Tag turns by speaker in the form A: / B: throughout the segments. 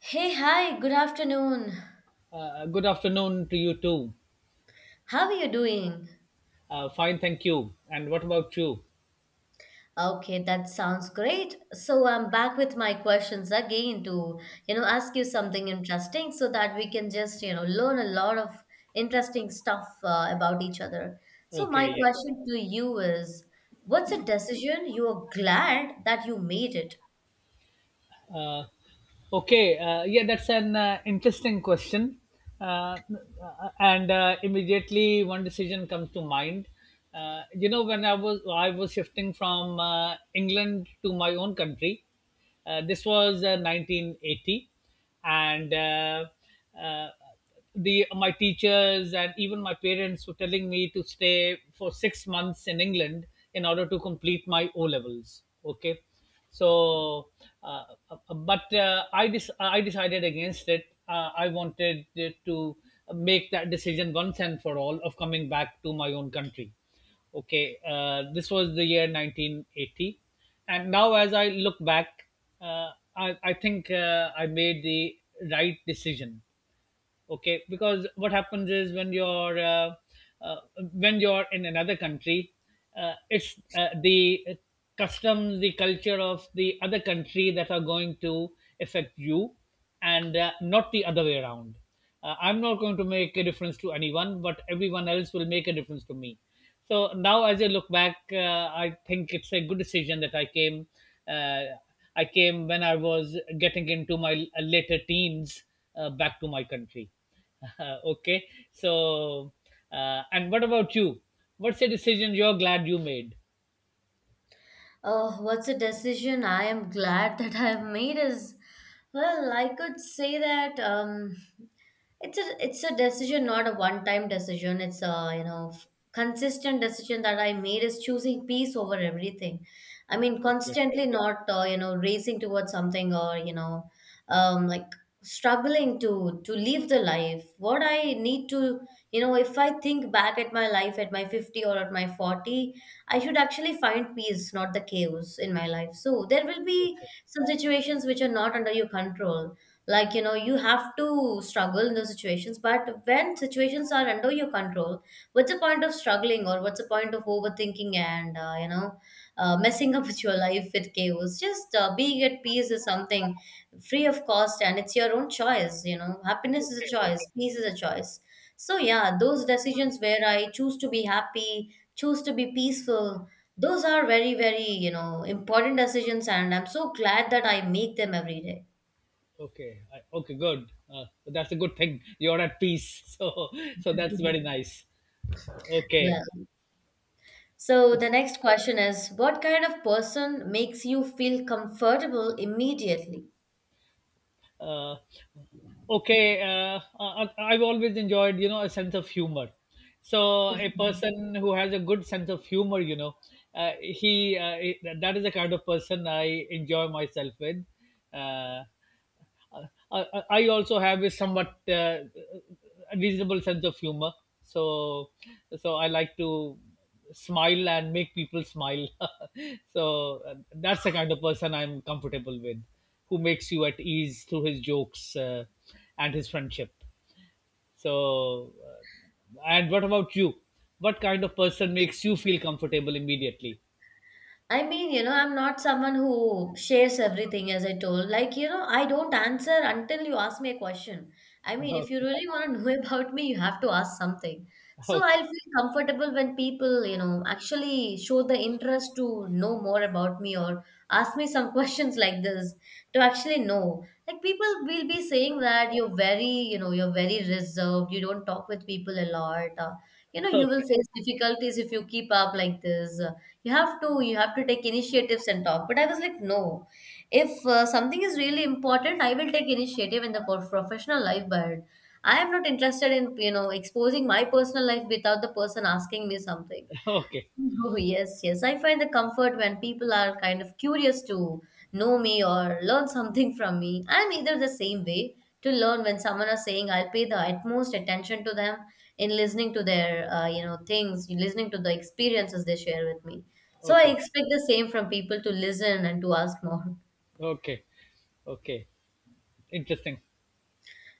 A: Hey, hi, good afternoon.
B: Good afternoon to you too.
A: How are you doing?
B: Fine, thank you. And what about you?
A: Okay, that sounds great. So I'm back with my questions again to, ask you something interesting so that we can just, learn a lot of interesting stuff about each other. So my
B: Okay, yeah.
A: question to you is, what's a decision you are glad that you made it?
B: Uh, okay, yeah, that's an interesting question. Uh, and Immediately one decision comes to mind. You know, when I was shifting from England to my own country, this was 1980, and uh, uh, the my teachers and even my parents were telling me to stay for 6 months in England in order to complete my O levels. Okay, so uh, but I decided against it. I wanted to make that decision once and for all of coming back to my own country. Okay, this was the year 1980, and now as I look back, uh, I think I made the right decision, okay, because what happens is when you're uh, when you're in another country, it's the customs, the culture of the other country that are going to affect you, and not the other way around. I'm not going to make a difference to anyone, but everyone else will make a difference to me. So now, as I look back, I think it's a good decision that I came. Uh, I came when I was getting into my later teens, back to my country. Okay, so and what about you? What's a decision you're glad you made?
A: Oh, what's a decision I am glad that I've made is, well, I could say that it's a decision, not a one time decision. It's a consistent decision that I made is choosing peace over everything. I mean,
B: Okay,
A: constantly not racing towards something or like struggling to live the life. What I need to if I think back at my life at my 50 or at my 40, I should actually find peace, not the chaos in my life. So there will be some situations which are not under your control like you have to struggle in those situations, but when situations are under your control, what's the point of struggling or what's the point of overthinking and messing up with your life with chaos. Just being at peace is something free of cost and it's your own choice. You know, happiness is a
B: okay,
A: choice, peace is a choice. So yeah, those decisions where I choose to be happy, choose to be peaceful, those are very, very, important decisions, and I'm so glad that I make them every day.
B: okay. Good. That's a good thing. You're at peace. So, so that's
A: Mhm.
B: very nice.
A: Yeah.
B: Okay.
A: So the next question is, what kind of person makes you feel comfortable immediately?
B: uh, I've always enjoyed, you know, a sense of humor. So a person who has a good sense of humor, you know, he that is the kind of person I enjoy myself with. uh, I, I also have a somewhat reasonable sense of humor, so so I like to smile and make people smile. So that's the kind of person I'm comfortable with, who makes you at ease through his jokes and his friendship. So, and what about you? What kind of person makes you feel comfortable immediately?
A: I mean, you know, I'm not someone who shares everything, as I told. Like, you know, I don't answer until you ask me a question. I mean, if you really want to know about me, you have to ask something. So
B: Okay,
A: I'll feel comfortable when people, you know, actually show the interest to know more about me or ask me some questions like this to actually know. Like, people will be saying that you're very, you know, you're very reserved, you don't talk with people a lot. You will
B: okay,
A: face difficulties if you keep up like this. You have to take initiatives and talk, but I was like, no, if something is really important, I will take initiative in the professional life, but I am not interested in, you know, exposing my personal life without the person asking me something.
B: okay,
A: Oh, yes, yes. I find the comfort when people are kind of curious to know me or learn something from me. I'm either the same way to learn. When someone is saying, I'll pay the utmost attention to them in listening to their things, listening to the experiences they share with me. So I
B: okay, okay,
A: expect the same from people, to listen and to ask more.
B: okay, okay. Interesting.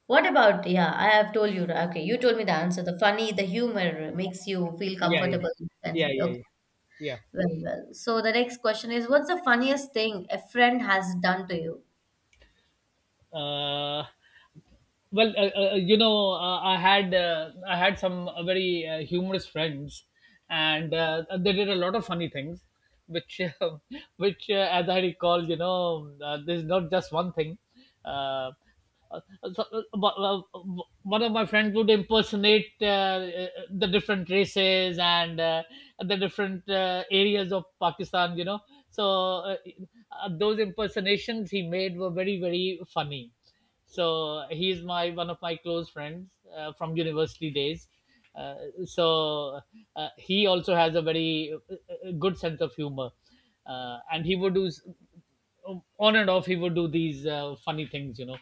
A: What about, yeah, I have told you, okay, you told me the answer. The funny, the humor makes you feel
B: Iya iya.
A: comfortable
B: Iya
A: instantly.
B: iya
A: Okay.
B: iya. Iya,
A: Well, well. So the next question is, what's the funniest thing a friend has done to you?
B: eee, well you know, I had some very humorous friends, and they did a lot of funny things which which as I recall, you know, there's not just one thing. uh, uh, One of my friends would impersonate the different races and the different areas of Pakistan, you know. So those impersonations he made were very, very funny. So he's my one of my close friends from university days. uh, so he also has a very good sense of humor, and he would on and off he would do these funny things, you know.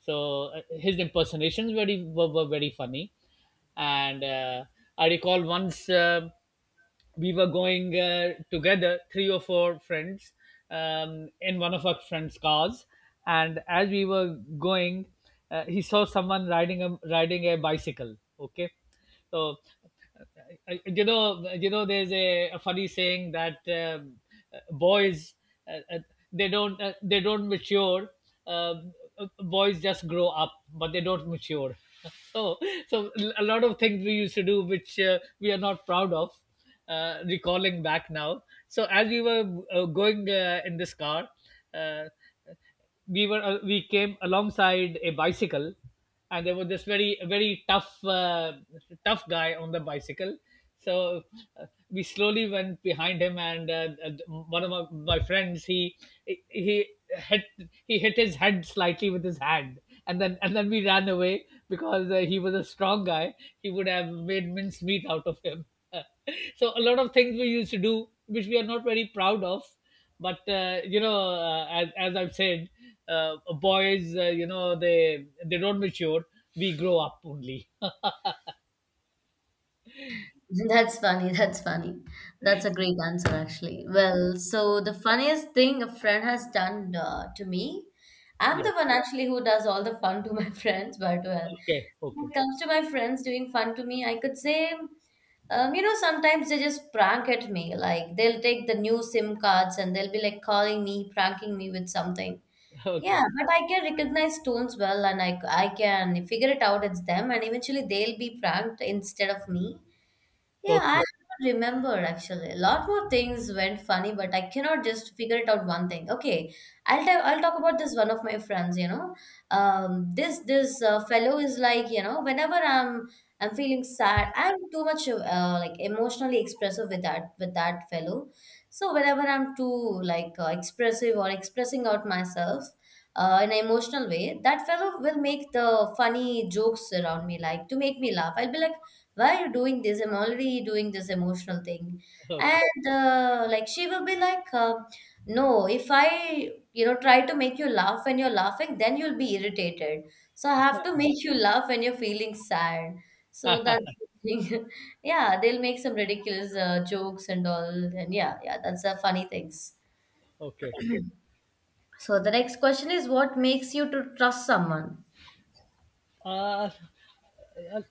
B: So his impersonations very were very funny. And I recall once, we were going together, three or four friends, in one of our friends' cars. And as we were going, he saw someone riding a bicycle. Okay, so you know, there's a funny saying that boys uh, uh, they don't mature. Um, Boys just grow up, but they don't mature. So, so a lot of things we used to do, which we are not proud of, recalling back now. So, as we were going in this car, uh, we came alongside a bicycle, and there was this very, very tough guy on the bicycle. So we slowly went behind him, and my friends, he he hit he hit his head slightly with his hand, and then we ran away because he was a strong guy. He would have made mincemeat out of him. So a lot of things we used to do, which we are not very proud of, but you know, as I've said, boys, you know, they don't mature. We grow up only.
A: That's funny. That's funny. That's a great answer, actually. Well, so the funniest thing a friend has done to me, I'm
B: Yeah,
A: the one actually who does all the fun to my friends, but well,
B: okay,
A: when
B: okay,
A: it comes to my friends doing fun to me, I could say, you know, sometimes they just prank at me. Like, they'll take the new SIM cards and they'll be like calling me, pranking me with something. Yeah,
B: okay,
A: but I can recognize stones well, and I can figure it out it's them, and eventually they'll be pranked instead of me. Yeah, I
B: okay,
A: don't remember actually. A lot more things went funny, but I cannot just figure it out one thing. Okay, I'll tell. I'll talk about this one of my friends. You know, this fellow is like, you know, whenever I'm feeling sad, I'm too much like emotionally expressive with that fellow. So whenever I'm too like expressive or expressing out myself. In an emotional way, that fellow will make the funny jokes around me, like, to make me laugh. I'll be like, why are you doing this? I'm already doing this emotional thing.
B: okay,
A: And like, she will be like, no, if I, you know, try to make you laugh when you're laughing, then you'll be irritated, so I have to make you laugh when you're feeling sad. So that's the thing. Yeah, they'll make some ridiculous jokes and all. And yeah, yeah, that's the funny things.
B: okay.
A: So the next question is, what makes you to trust someone?
B: uh, uh,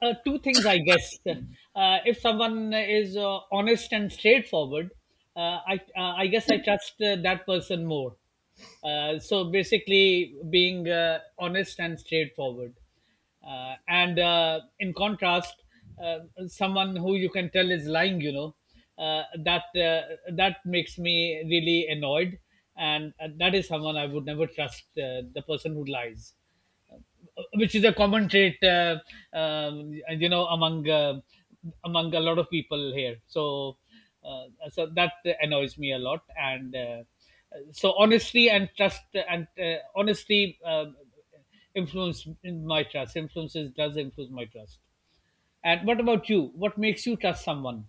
B: uh, Two things, I guess. If someone is honest and straightforward, I guess I trust that person more. So basically, being honest and straightforward, and in contrast, uh, someone who you can tell is lying, you know, that makes me really annoyed, and that is someone I would never trust. The person who lies, which is a common trait, you know, among a lot of people here. So, uh, so that annoys me a lot. And so, honesty and trust and honesty influence in my trust. influences, does influence my trust. And what about you? What makes you trust someone?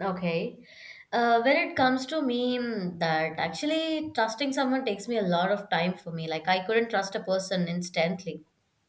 A: Okay. When it comes to me, that actually trusting someone takes me a lot of time for me. Like, I couldn't trust a person instantly.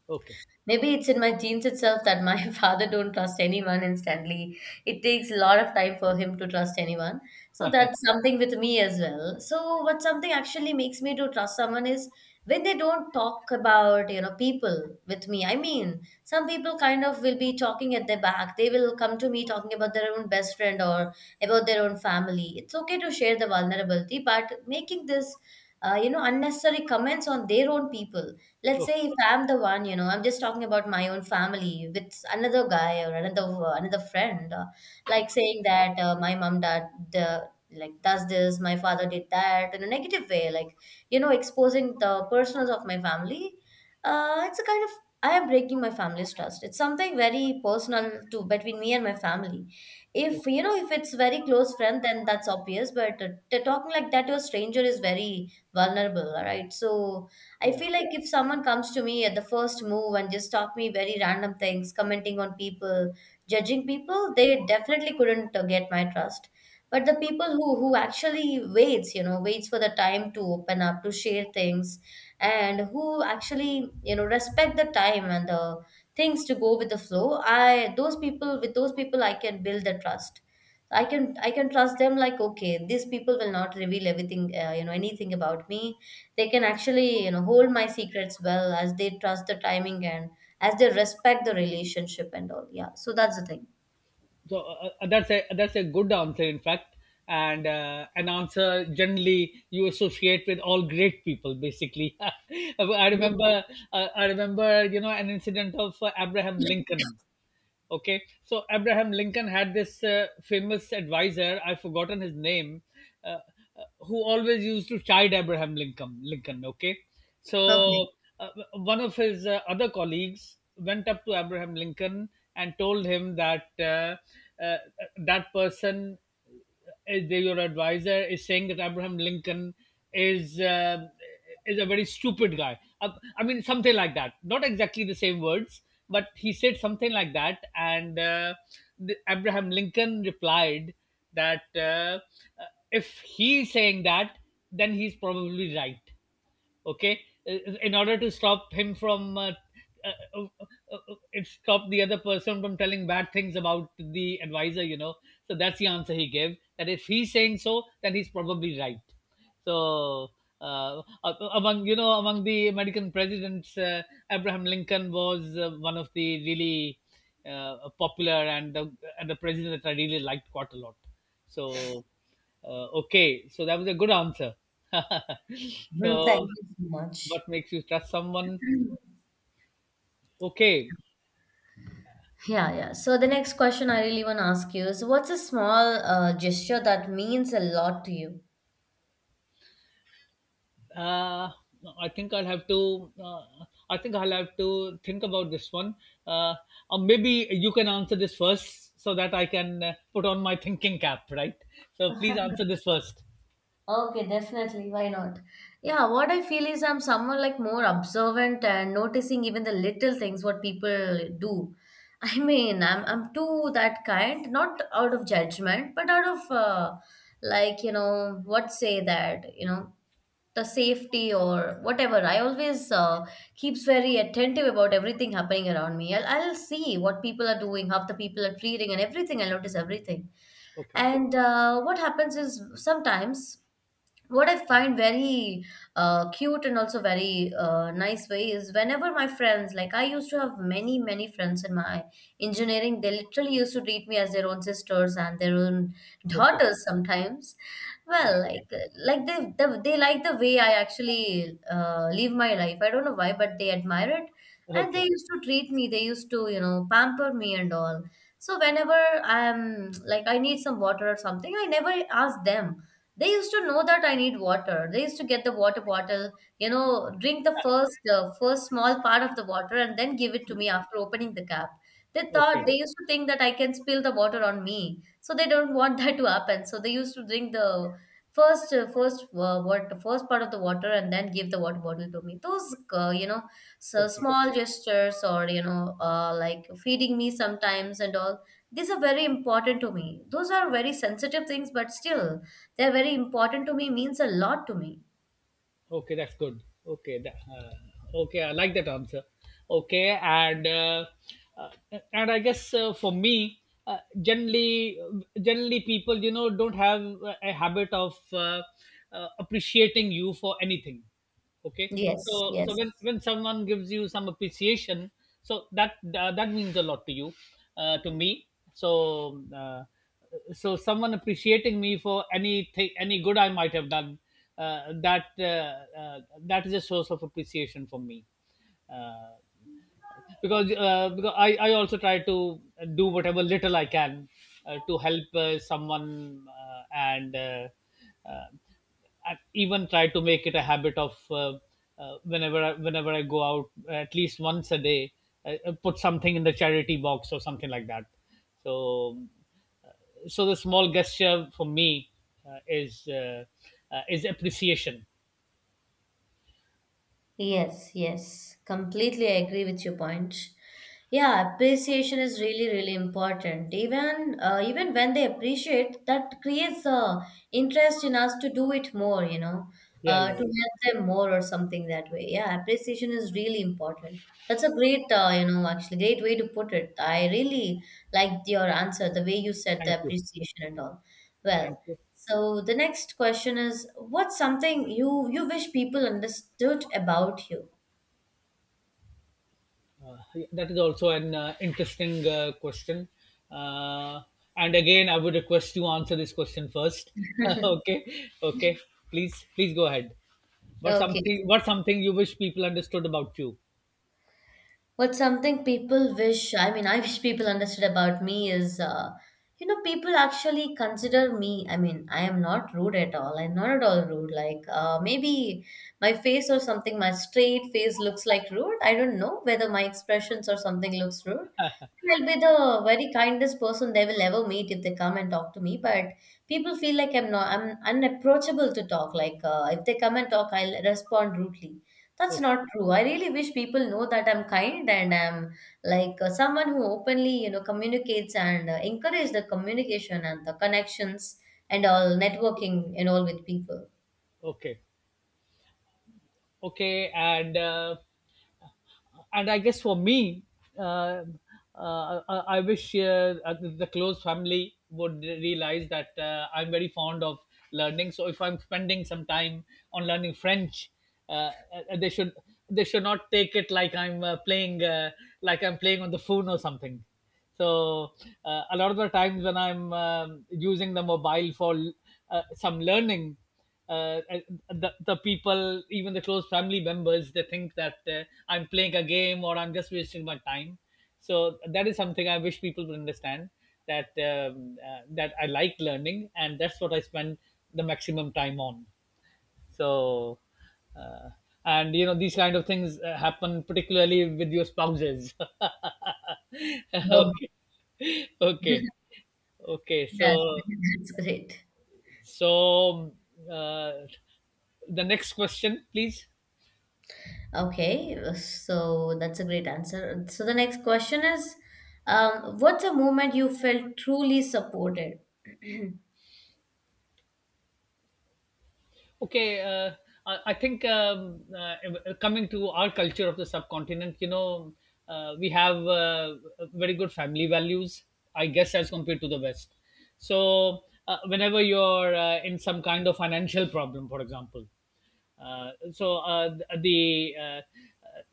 B: Okay.
A: Maybe it's in my genes itself that my father don't trust anyone instantly. It takes a lot of time for him to trust anyone. So that's something with me as well. So what something actually makes me to trust someone is when they don't talk about, you know, people with me. I mean, some people kind of will be talking at their back. They will come to me talking about their own best friend or about their own family. It's okay to share the vulnerability, but making this unnecessary comments on their own people, let's
B: Okay.
A: say if I'm the one, you know, I'm just talking about my own family with another guy or another another friend, like saying that my mom dad the like does this, my father did that in a negative way, like, you know, exposing the personals of my family. It's a kind of, I am breaking my family's trust. It's something very personal to between me and my family. If, you
B: Okay.
A: know, if it's very close friend, then that's obvious. But talking like that to a stranger is very vulnerable, all right. So I
B: Yeah.
A: feel like if someone comes to me at the first move and just talk me very random things, commenting on people, judging people, they definitely couldn't get my trust. But the people who actually waits, you know, waits for the time to open up, to share things, and who actually, you know, respect the time and the things to go with the flow, I those people, with those people I can build the trust. I can trust them, like, okay, these people will not reveal everything, anything about me. They can actually, you know, hold my secrets well, as they trust the timing and as they respect the relationship and all. Yeah, so that's the thing.
B: So that's a good answer, in fact, and an answer generally you associate with all great people, basically. I remember, I remember, you know, an incident of Abraham
A: Yeah.
B: Lincoln. Okay, so Abraham Lincoln had this famous advisor, I've forgotten his name, uh, who always used to chide Abraham Lincoln, okay.
A: Okay.
B: So one of his other colleagues went up to Abraham Lincoln and told him that uh, that person your advisor is saying that Abraham Lincoln is uh, is a very stupid guy. I mean, something like that. Not exactly the same words, but he said something like that. And the, Abraham Lincoln replied that if he's saying that, then he's probably right, okay. In order to stop him from uh, uh, it stop the other person from telling bad things about the advisor, you know. So that's the answer he gave, that if he's saying so, then he's probably right. So uh, among, you know, among the American presidents, Abraham Lincoln was one of the really popular, and and the president that I really liked quite a lot. So okay, so that was a good answer.
A: Mm, thank
B: So
A: you so much.
B: what makes you trust someone? Okay.
A: Yeah, yeah, so the next question I really want to ask you is, what's a small gesture that means a lot to you?
B: uh, i think i'll have to uh, I think I'll have to think about this one. uh, or maybe you can answer this first so that I can put on my thinking cap, right? So please answer this first.
A: Okay, definitely. Why not? Yeah, what I feel is, I'm someone like more observant and noticing even the little things what people do. I mean, I'm too that kind, not out of judgment, but out of like, you know, what say that, you know, the safety or whatever. I always keeps very attentive about everything happening around me. I'll see what people are doing, how the people are treating, and everything. I'll notice everything.
B: Okay,
A: And what happens is, sometimes what I find very cute and also very nice way is, whenever my friends, like I used to have many, many friends in my engineering, they literally used to treat me as their own sisters and their own
B: okay,
A: daughters sometimes. Well,
B: okay,
A: like they the, they like the way I actually live my life. I don't know why, but they admire it, and they
B: okay,
A: used to treat me. They used to, you know, pamper me and all. So whenever I'm like I need some water or something, I never ask them. They used to know that I need water. They used to get the water bottle, you know, drink the first small part of the water and then give it to me after opening the cap.
B: okay,
A: They used to think that I can spill the water on me, so they don't want that to happen. So they used to drink the first part of the water and then give the water bottle to me. Those uh, you know so
B: okay.
A: small gestures, or, you know, like feeding me sometimes and all, these are very important to me. Those are very sensitive things, but still they're very important to me, means a lot to me.
B: Okay, that's good. Okay, okay, I like that answer. Okay, uh, and I guess for me, generally people, you know, don't have a habit of appreciating you for anything, okay.
A: Yes,
B: So so
A: yes,
B: when someone gives you some appreciation, so that that means a lot to you, to me. So so someone appreciating me for anything, any good I might have done, uh, that uh, that is a source of appreciation for me, uh, because I also try to do whatever little I can to help someone, and uh, I even try to make it a habit of whenever I go out at least once a day, I put something in the charity box or something like that. So so the small gesture for me uh, is uh, is appreciation.
A: yes, yes. Completely I agree with your point. Yeah, appreciation is really, really important. Even when they appreciate, that creates a interest in us to do it more, you know,
B: Yeah,
A: uh, to
B: yeah, yeah.
A: help them more or something that way. Yeah, appreciation is really important. That's a great, actually great way to put it. I really liked your answer, the way you said
B: Thank
A: the
B: you,
A: appreciation and all.
B: thank
A: Well,
B: you.
A: so the next question is, what's something you wish people understood about you?
B: Yeah, that is also an interesting question. Uh, and again, I would request you answer this question first. Okay, okay. Please, please go ahead. What
A: Okay.
B: something? What something you wish people understood about you?
A: What's something people wish, I mean, I wish people understood about me is, people actually consider me. I mean, I am not rude at all. I'm not at all rude. Like, maybe my face or something, my straight face looks like rude. I don't know whether my expressions or something looks rude. I'll be the very kindest person they will ever meet if they come and talk to me. But people feel like I'm not, I'm unapproachable to talk. Like if they come and talk, I'll respond rudely. That's
B: Oh,
A: not true. I really wish people know that I'm kind and I'm like, someone who openly, communicates and encourage the communication and the connections and all networking and all with people.
B: okay, okay, and I guess for me, uh, I wish the close family would realize that I'm very fond of learning. So if I'm spending some time on learning French, uh, uh, they should they should not take it like I'm playing like I'm playing on the phone or something. So a lot of the times when I'm using the mobile for some learning, uh, the people, even the close family members, they think that I'm playing a game or I'm just wasting my time. So that is something I wish people would understand, that that I like learning and that's what I spend the maximum time on. So uh, and you know these kind of things happen particularly with your spouses.
A: Oh,
B: Okay, okay, okay.
A: yeah,
B: So.
A: that's great.
B: So uh, the next question, please.
A: Okay, so that's a great answer. So the next question is, what's a moment you felt truly supported?
B: Okay, uh, I think coming to our culture of the subcontinent, we have very good family values, I guess, as compared to the West. So whenever you're in some kind of financial problem, for example. Uh, so uh, the uh,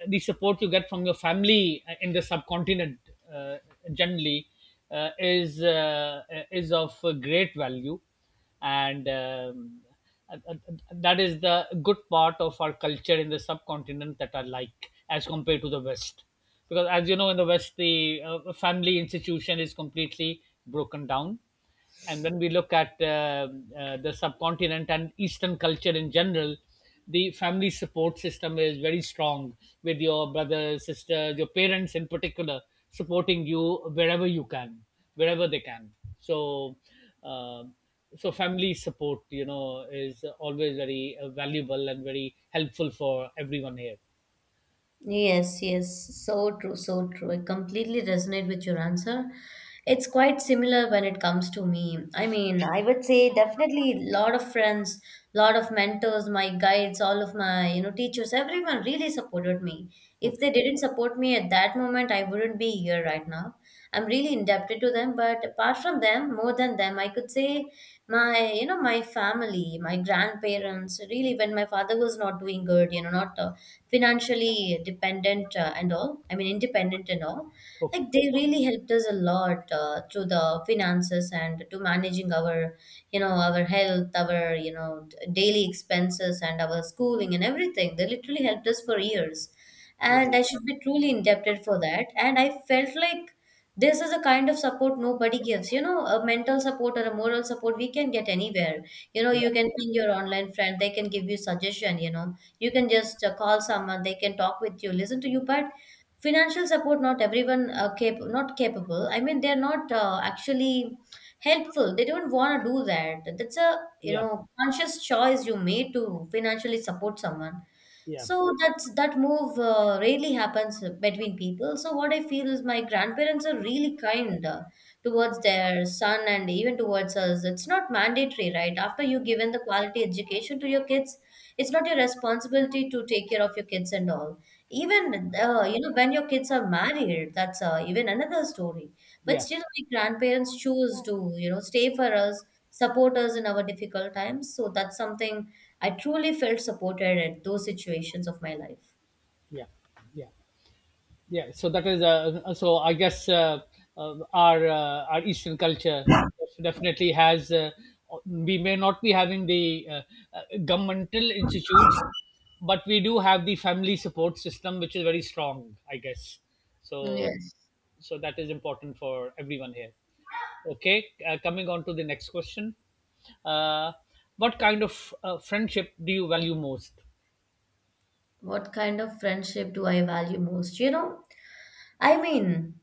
B: the support you get from your family in the subcontinent uh, generally uh, is uh, is of great value, and that is the good part of our culture in the subcontinent that I like as compared to the West, because as you know in the West the family institution is completely broken down, and when we look at the subcontinent and eastern culture in general, the family support system is very strong, with your brothers, sisters, your parents in particular supporting you wherever you can, wherever they can so um so family support is always very valuable and very helpful for everyone here.
A: Yes, yes, so true, so true. I completely resonate with your answer. It's quite similar when it comes to me. I mean, I would say definitely lot of friends, lot of mentors, my guides, all of my, teachers, everyone really supported me. If
B: Okay,
A: they didn't support me at that moment, I wouldn't be here right now. I'm really indebted to them, but apart from them, more than them, I could say my family, my grandparents, really when my father was not doing good, not financially dependent and all, I mean independent and all. Like
B: okay,
A: they really helped us a lot through the finances and to managing our our health, our daily expenses and our schooling, and everything they literally helped us for years.
B: yeah,
A: And I should be truly indebted for that, and I felt like this is a kind of support nobody gives. A mental support or a moral support we can get anywhere.
B: yeah,
A: You can ping your online friend, they can give you suggestion. You can just call someone, they can talk with you, listen to you. But financial support, not everyone not capable, I mean they're not actually helpful. They don't want to do that. That's a you
B: yeah,
A: know conscious choice you made to financially support someone.
B: yeah,
A: So that move rarely happens between people. So what I feel is my grandparents are really kind towards their son and even towards us. It's not mandatory, right? After you given the quality education to your kids, it's not your responsibility to take care of your kids and all. Even
B: yeah,
A: when your kids are married, that's even another story. But
B: yeah,
A: still, my grandparents choose to stay for us, support us in our difficult times. So that's something I truly felt supported at those situations of my life.
B: yeah. Yeah. Yeah, so that is so. I guess our Eastern culture definitely has. We may not be having the governmental institutes, but we do have the family support system, which is very strong. I guess so.
A: Yes.
B: So that is important for everyone here. Okay, Coming on to the next question. Uh, what kind of friendship do you value most?
A: What kind of friendship do I value most? You know, I mean,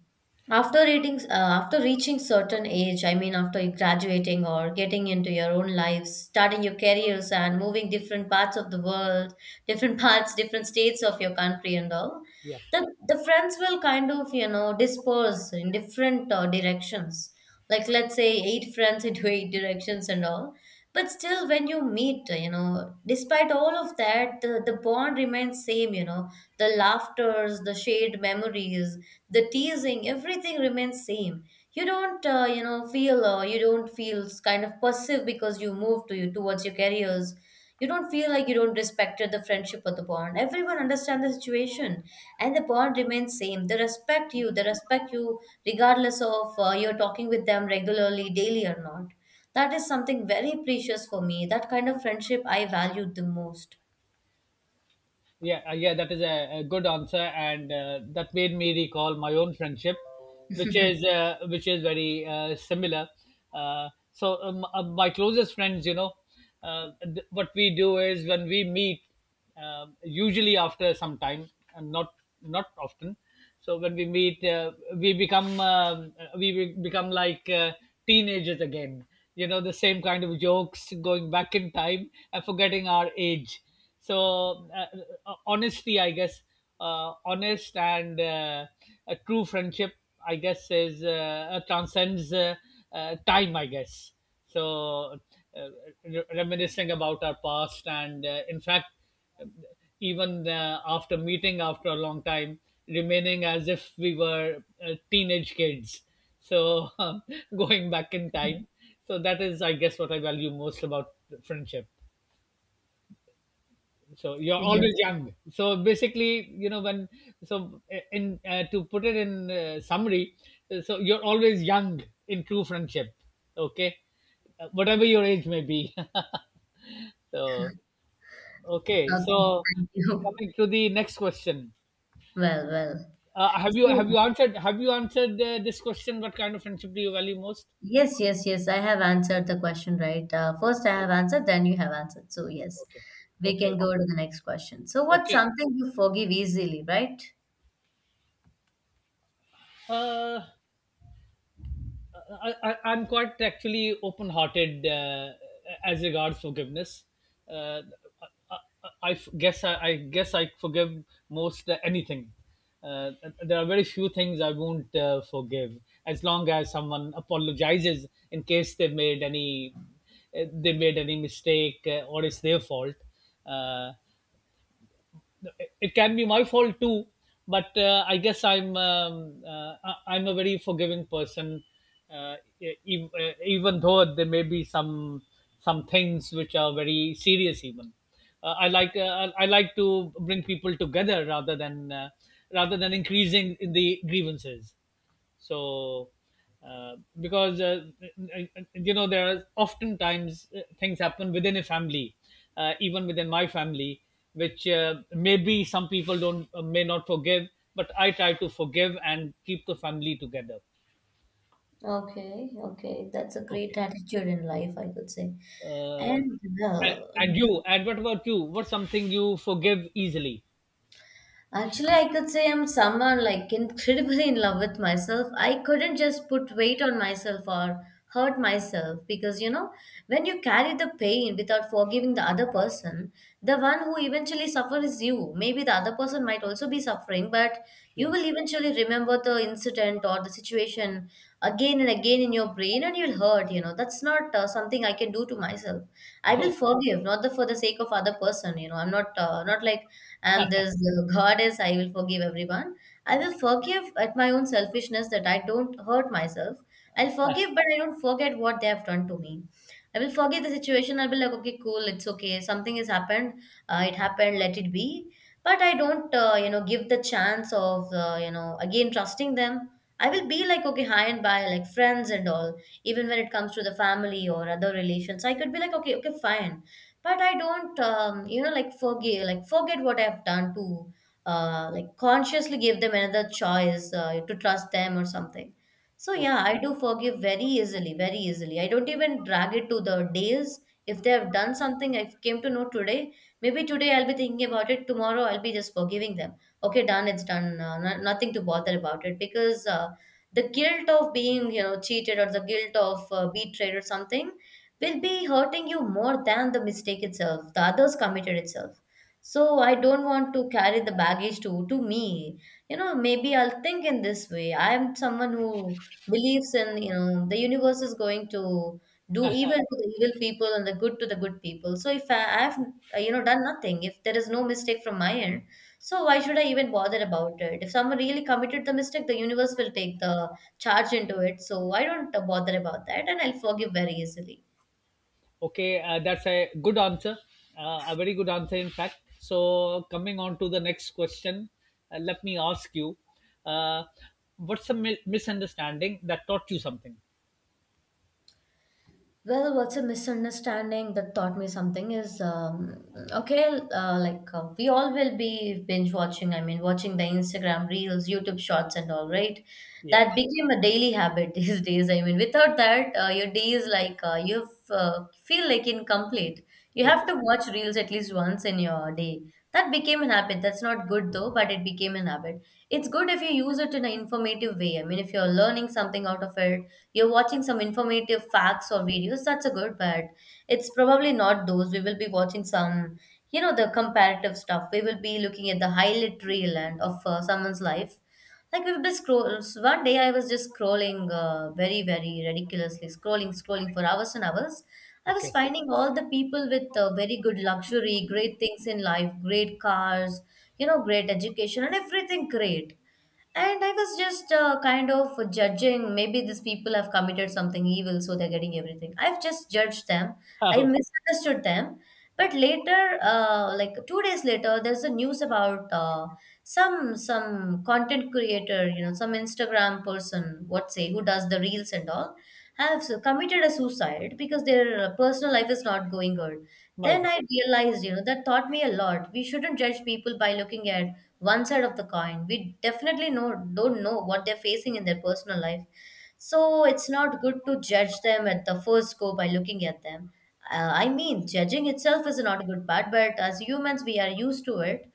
A: after reaching certain age, I mean, after graduating or getting into your own lives, starting your careers and moving different parts of the world, different parts, different states of your country and all,
B: Yeah.
A: the friends will kind of, disperse in different directions. Like, let's say eight friends into eight directions and all. But still, when you meet, despite all of that, the bond remains same. The laughters, the shared memories, the teasing, everything remains same. You don't you know feel you don't feel kind of passive because you move to you towards your careers. You don't feel like you don't respect the friendship or the bond. Everyone understands the situation, and the bond remains same. They respect you, they respect you regardless of you're talking with them regularly, daily or not. That is something very precious for me. That kind of friendship I value the most.
B: Yeah, that is a good answer, and that made me recall my own friendship, which is very similar. My closest friends, what we do is when we meet, usually after some time, and not often. So when we meet, we become become like teenagers again. You know, the same kind of jokes, going back in time and forgetting our age. So honesty, I guess, honest and a true friendship, I guess, is transcends time. I guess. So uh, Reminiscing about our past, and in fact, even after meeting after a long time, remaining as if we were teenage kids. So going back in time. So that is, I guess, what I value most about friendship. So you're always
A: Yes.
B: young, so basically, you know, when... So in to put it in summary, so you're always young in true friendship. Okay. Whatever your age may be. So, okay,
A: Okay.
B: so
A: Thank you.
B: coming to the next question,
A: Well, well. So,
B: have you answered this question, what kind of friendship do you value most?
A: yes, yes, yes. I have answered the question, right? First,
B: Okay,
A: I have answered, then you have answered. So yes,
B: okay,
A: we
B: okay,
A: can go to the next question. So, what's
B: okay.
A: something you forgive easily, right?
B: Uh I, I, I'm quite actually open-hearted as regards forgiveness. Uh, I, I, I guess I forgive most anything. Uh, there are very few things I won't forgive, as long as someone apologizes in case they made any mistake or it's their fault. Uh, it can be my fault too, but I guess I'm am a very forgiving person. uh, Even though there may be some things which are very serious even, I like to bring people together rather than increasing the grievances. So because you know, there are oftentimes things happen within a family, even within my family, which maybe some people don't may not forgive, but I try to forgive and keep the family together.
A: Okay, okay. That's a great
B: Okay.
A: attitude in life, I could say.
B: uh,
A: And
B: and,
A: well,
B: and you, and what about you, what's something you forgive easily?
A: actually, I could say I'm someone like incredibly in love with myself. I couldn't just put weight on myself or hurt myself, because when you carry the pain without forgiving the other person, the one who eventually suffers is you. Maybe the other person might also be suffering, but you
B: Yeah.
A: will eventually remember the incident or the situation again and again in your brain, and you'll hurt. That's not something I can do to myself. I will
B: Oh.
A: forgive, not for the sake of other person. I'm not like and this god is, I will forgive everyone. I will forgive at my own selfishness that I don't hurt myself. I'll forgive, but I don't forget what they have done to me. I will forgive the situation. I'll be like, okay, cool, it's okay, something has happened, it happened, let it be. But I don't give the chance of again trusting them. I will be like, okay, hi and bye, like friends and all. Even when it comes to the family or other relations, I could be like, okay, okay, fine. But I don't like forget what I've done to, like consciously give them another choice to trust them or something. So yeah,
B: Okay.
A: I do forgive very easily, very easily. I don't even drag it to the days. If they have done something I came to know today, maybe today I'll be thinking about it, tomorrow I'll be just forgiving them. Okay, done, it's done, no, nothing to bother about it. Because the guilt of being cheated or the guilt of betrayed or something will be hurting you more than the mistake itself, the others committed itself. So I don't want to carry the baggage to me. You know, maybe I'll think in this way. I am someone who believes in, the universe is going to do evil to the evil people and the good to the good people. So if I have, done nothing, if there is no mistake from my end, so why should I even bother about it? If someone really committed the mistake, the universe will take the charge into it. So I don't bother about that, and I'll forgive very easily.
B: Okay, that's a good answer. A very good answer, in fact. So, coming on to the next question, let me ask you uh, what's a misunderstanding that taught you something?
A: Well, what's a misunderstanding that taught me something is, okay, like we all will be binge watching. I mean, watching the Instagram reels, YouTube shorts, and all, right?
B: Yeah.
A: That became a daily habit these days. I mean, without that, your day is like you feel like incomplete. You have
B: Okay.
A: to watch reels at least once in your day. That became an habit. That's not good though, but it became an habit. It's good if you use it in an informative way. I mean, if you're learning something out of it, you're watching some informative facts or videos, that's a good. But it's probably not those, we will be watching some, the comparative stuff. We will be looking at the highlight reel and of someone's life. Like we will been scrolls. One day I was just scrolling very very ridiculously, scrolling scrolling for hours and hours. I was
B: Okay.
A: finding all the people with very good luxury, great things in life, great cars, great education, and everything great. And I was just kind of judging. Maybe these people have committed something evil, so they're getting everything. I've just judged them. I
B: Okay.
A: misunderstood them. But later, like 2 days later, there's a news about some content creator, some Instagram person, what say, who does the reels and all, have committed a suicide because their personal life is not going good.
B: My
A: Then
B: God.
A: I realized, that taught me a lot. We shouldn't judge people by looking at one side of the coin. We definitely know don't know what they're facing in their personal life. So it's not good to judge them at the first go by looking at them. I mean, judging itself is not a good part, but as humans, we are used to it.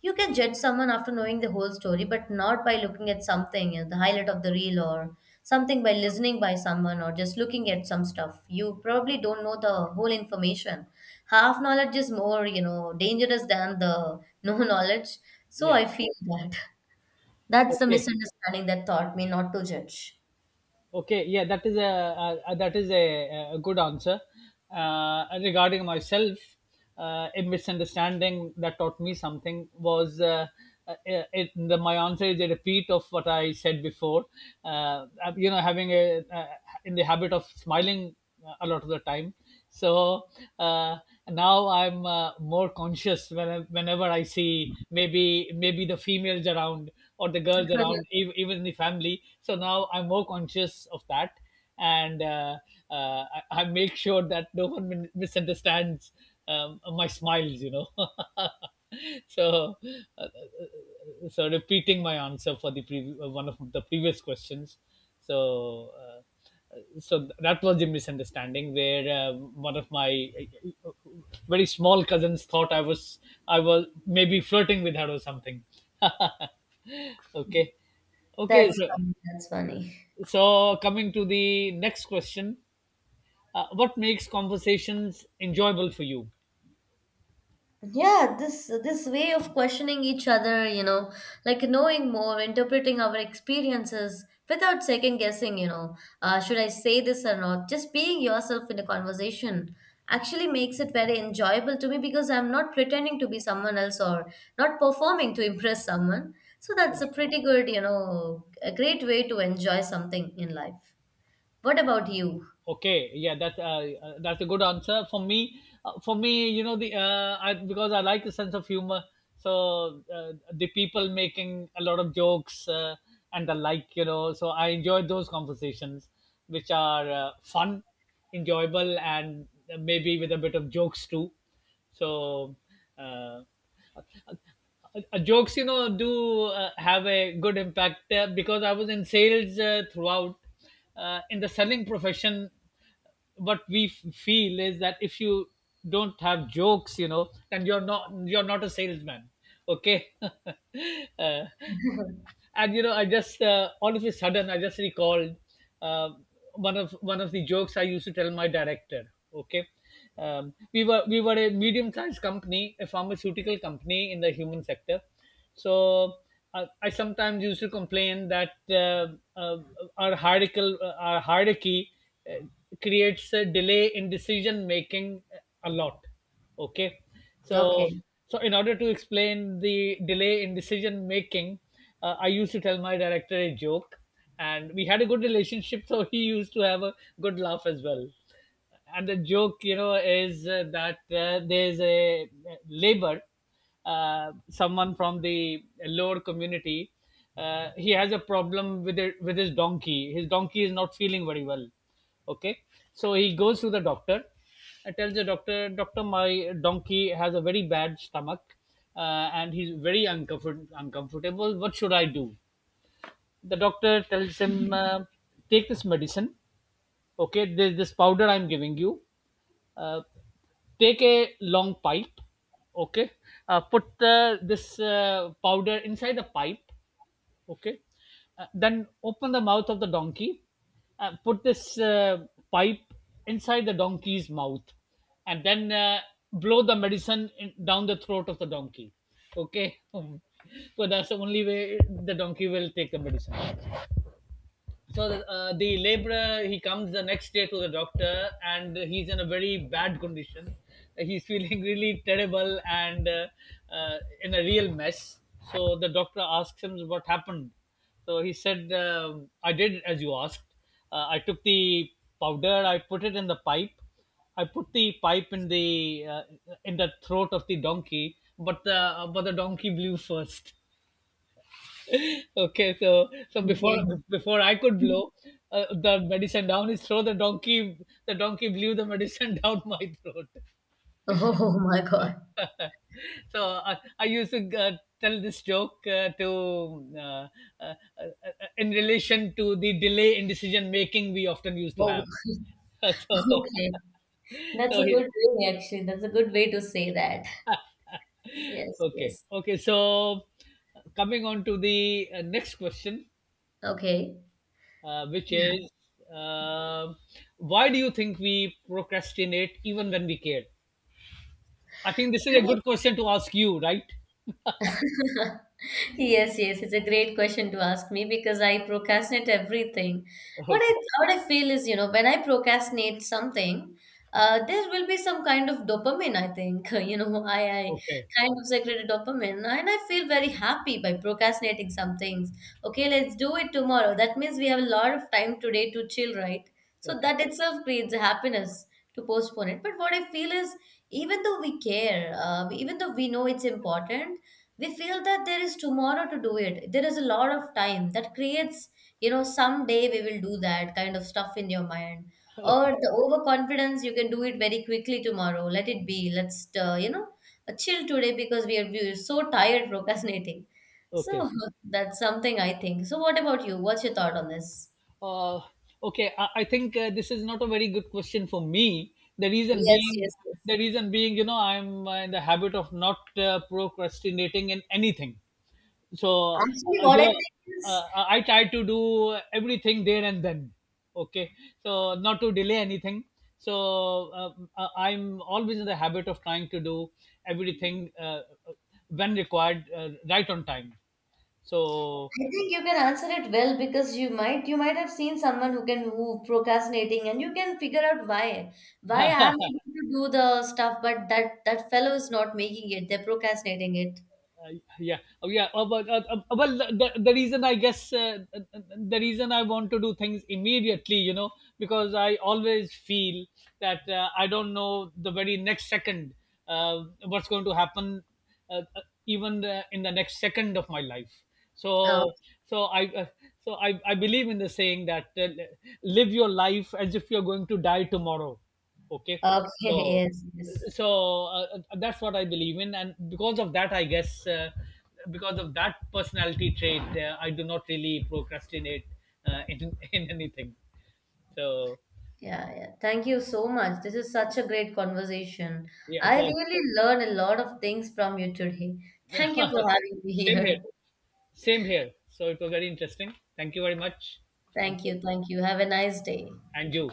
A: You can judge someone after knowing the whole story, but not by looking at something, the highlight of the reel or something, by listening by someone or just looking at some stuff. You probably don't know the whole information. Half knowledge is more, dangerous than the no knowledge. So
B: Yeah.
A: I feel that that's the
B: Okay.
A: misunderstanding that taught me not to judge.
B: Okay, yeah, that is a, that is a good answer. Regarding myself, a misunderstanding that taught me something was uh, uh, my answer is a repeat of what I said before. You know, having a in the habit of smiling a lot of the time, so uh, now I'm more conscious when, whenever I see maybe the females around or the girls around, even the family. So now I'm more conscious of that, and I make sure that no one misunderstands my smiles, you know. So uh, so repeating my answer for the one of the previous questions. So so that was the misunderstanding where one of my uh, very small cousins thought I was maybe flirting with her or something. Okay, okay,
A: That's
B: so,
A: funny. That's funny.
B: so coming to the next question, what makes conversations enjoyable for you?
A: Yeah, this way of questioning each other, like knowing more, interpreting our experiences without second guessing, should I say this or not? Just being yourself in a conversation actually makes it very enjoyable to me, because I'm not pretending to be someone else or not performing to impress someone. So that's a pretty good, a great way to enjoy something in life. What about you?
B: Okay, yeah, that's a good answer for me. For me, you know, because I like the sense of humor, so the people making a lot of jokes and the like, you know, so I enjoy those conversations, which are fun, enjoyable, and maybe with a bit of jokes too. So, uh, jokes, you know, do have a good impact because I was in sales throughout. In the selling profession, what we feel is that if you don't have jokes, you know, then you're not, you're not a salesman. Okay. And you know, I just all of a sudden I just recalled uh, one of one of the jokes I used to tell my director. Okay, we were a medium sized company, a pharmaceutical company in the human sector. So I sometimes used to complain that our hierarchy uh, creates a delay in decision making a lot. Okay,
A: Okay.
B: so, so in order to explain the delay in decision making, I used to tell my director a joke, and we had a good relationship. So he used to have a good laugh as well. And the joke, you know, is that there's a labor, someone from the lower community, he has a problem with it, with his donkey, his donkey is not feeling very well. Okay, so he goes to the doctor and tells the doctor, doctor, my donkey has a very bad stomach, and he's very uncomfortable, what should I do? The doctor tells him, take this medicine. Okay, there's this powder I'm giving you, uh, take a long pipe. Okay, put this powder inside the pipe. Okay, then open the mouth of the donkey, put this pipe inside the donkey's mouth, and then blow the medicine in, down the throat of the donkey. Okay. So that's the only way the donkey will take the medicine. So the laborer, he comes the next day to the doctor and he's in a very bad condition. He's feeling really terrible and in a real mess. So the doctor asks him, what happened? So he said, I did as you asked. I took the powder, I put it in the pipe, I put the pipe in the throat of the donkey, but the donkey blew first. Okay, so, so before
A: Okay.
B: before I could blow the medicine down his throat, the donkey, the donkey blew the medicine down my throat.
A: Oh my God.
B: So so I used to tell this joke to uh, uh, in relation to the delay in decision making we often used to
A: Oh,
B: have. So,
A: okay. That's
B: so
A: a
B: he-.
A: good way, actually. That's a good way to say that. Yes,
B: Okay,
A: yes.
B: okay, so coming on to the next question,
A: Okay.
B: which is uh, why do you think we procrastinate even when we care? I think this is a
A: Yeah.
B: good question to ask you, right?
A: Yes, yes, it's a great question to ask me because I procrastinate everything. What I
B: Okay,
A: what I feel is, when I procrastinate something, there will be some kind of dopamine, I think. I
B: okay,
A: kind of secrete dopamine, and I feel very happy by procrastinating some things. Okay, let's do it tomorrow. That means we have a lot of time today to chill, right? So
B: okay,
A: that itself creates happiness to postpone it. But what I feel is, even though we care, even though we know it's important, we feel that there is tomorrow to do it, there is a lot of time. That creates, someday we will do that kind of stuff in your mind, or
B: okay,
A: the overconfidence you can do it very quickly tomorrow, let it be. Let's uh, you know chill today, because we are so tired procrastinating.
B: okay.
A: So that's something I think. So what about you, what's your thought on this?
B: Uh, okay, I think this is not a very good question for me.
A: Yes, yes, yes.
B: The reason being, you know, I'm in the habit of not procrastinating in anything. So
A: Actually
B: uh,
A: what
B: you
A: I
B: know
A: think is,
B: I try to do everything there and then. Okay, so not to delay anything. So I'm always in the habit of trying to do everything uh, when required right on time. So
A: I think you can answer it well, because you might have seen someone who procrastinating, and you can figure out why I'm able to do the stuff but that fellow is not making it, they're procrastinating it.
B: uh, yeah, oh, yeah, well, the reason I guess the reason I want to do things immediately, you know, because I always feel that I don't know the very next second what's going to happen, uh, uh, even in the next second of my life.
A: Oh,
B: So so i uh, so I, I believe in the saying that live your life as if you're going to die tomorrow. Okay.
A: okay,
B: So,
A: yes, yes.
B: so that's what I believe in, and because of that, I guess because of that personality trait, I do not really procrastinate in, in anything. So,
A: Yeah, yeah. Thank you so much. This is such a great conversation.
B: yeah, it
A: I
B: was
A: really learned a lot of things from you today. Thank you for having me
B: same here,
A: here.
B: same here, so it was very interesting, thank you very much. Thank
A: Thank
B: you,
A: you, thank you. Have a nice day.
B: and you.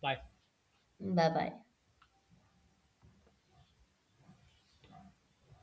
B: Bye.
A: Bye bye.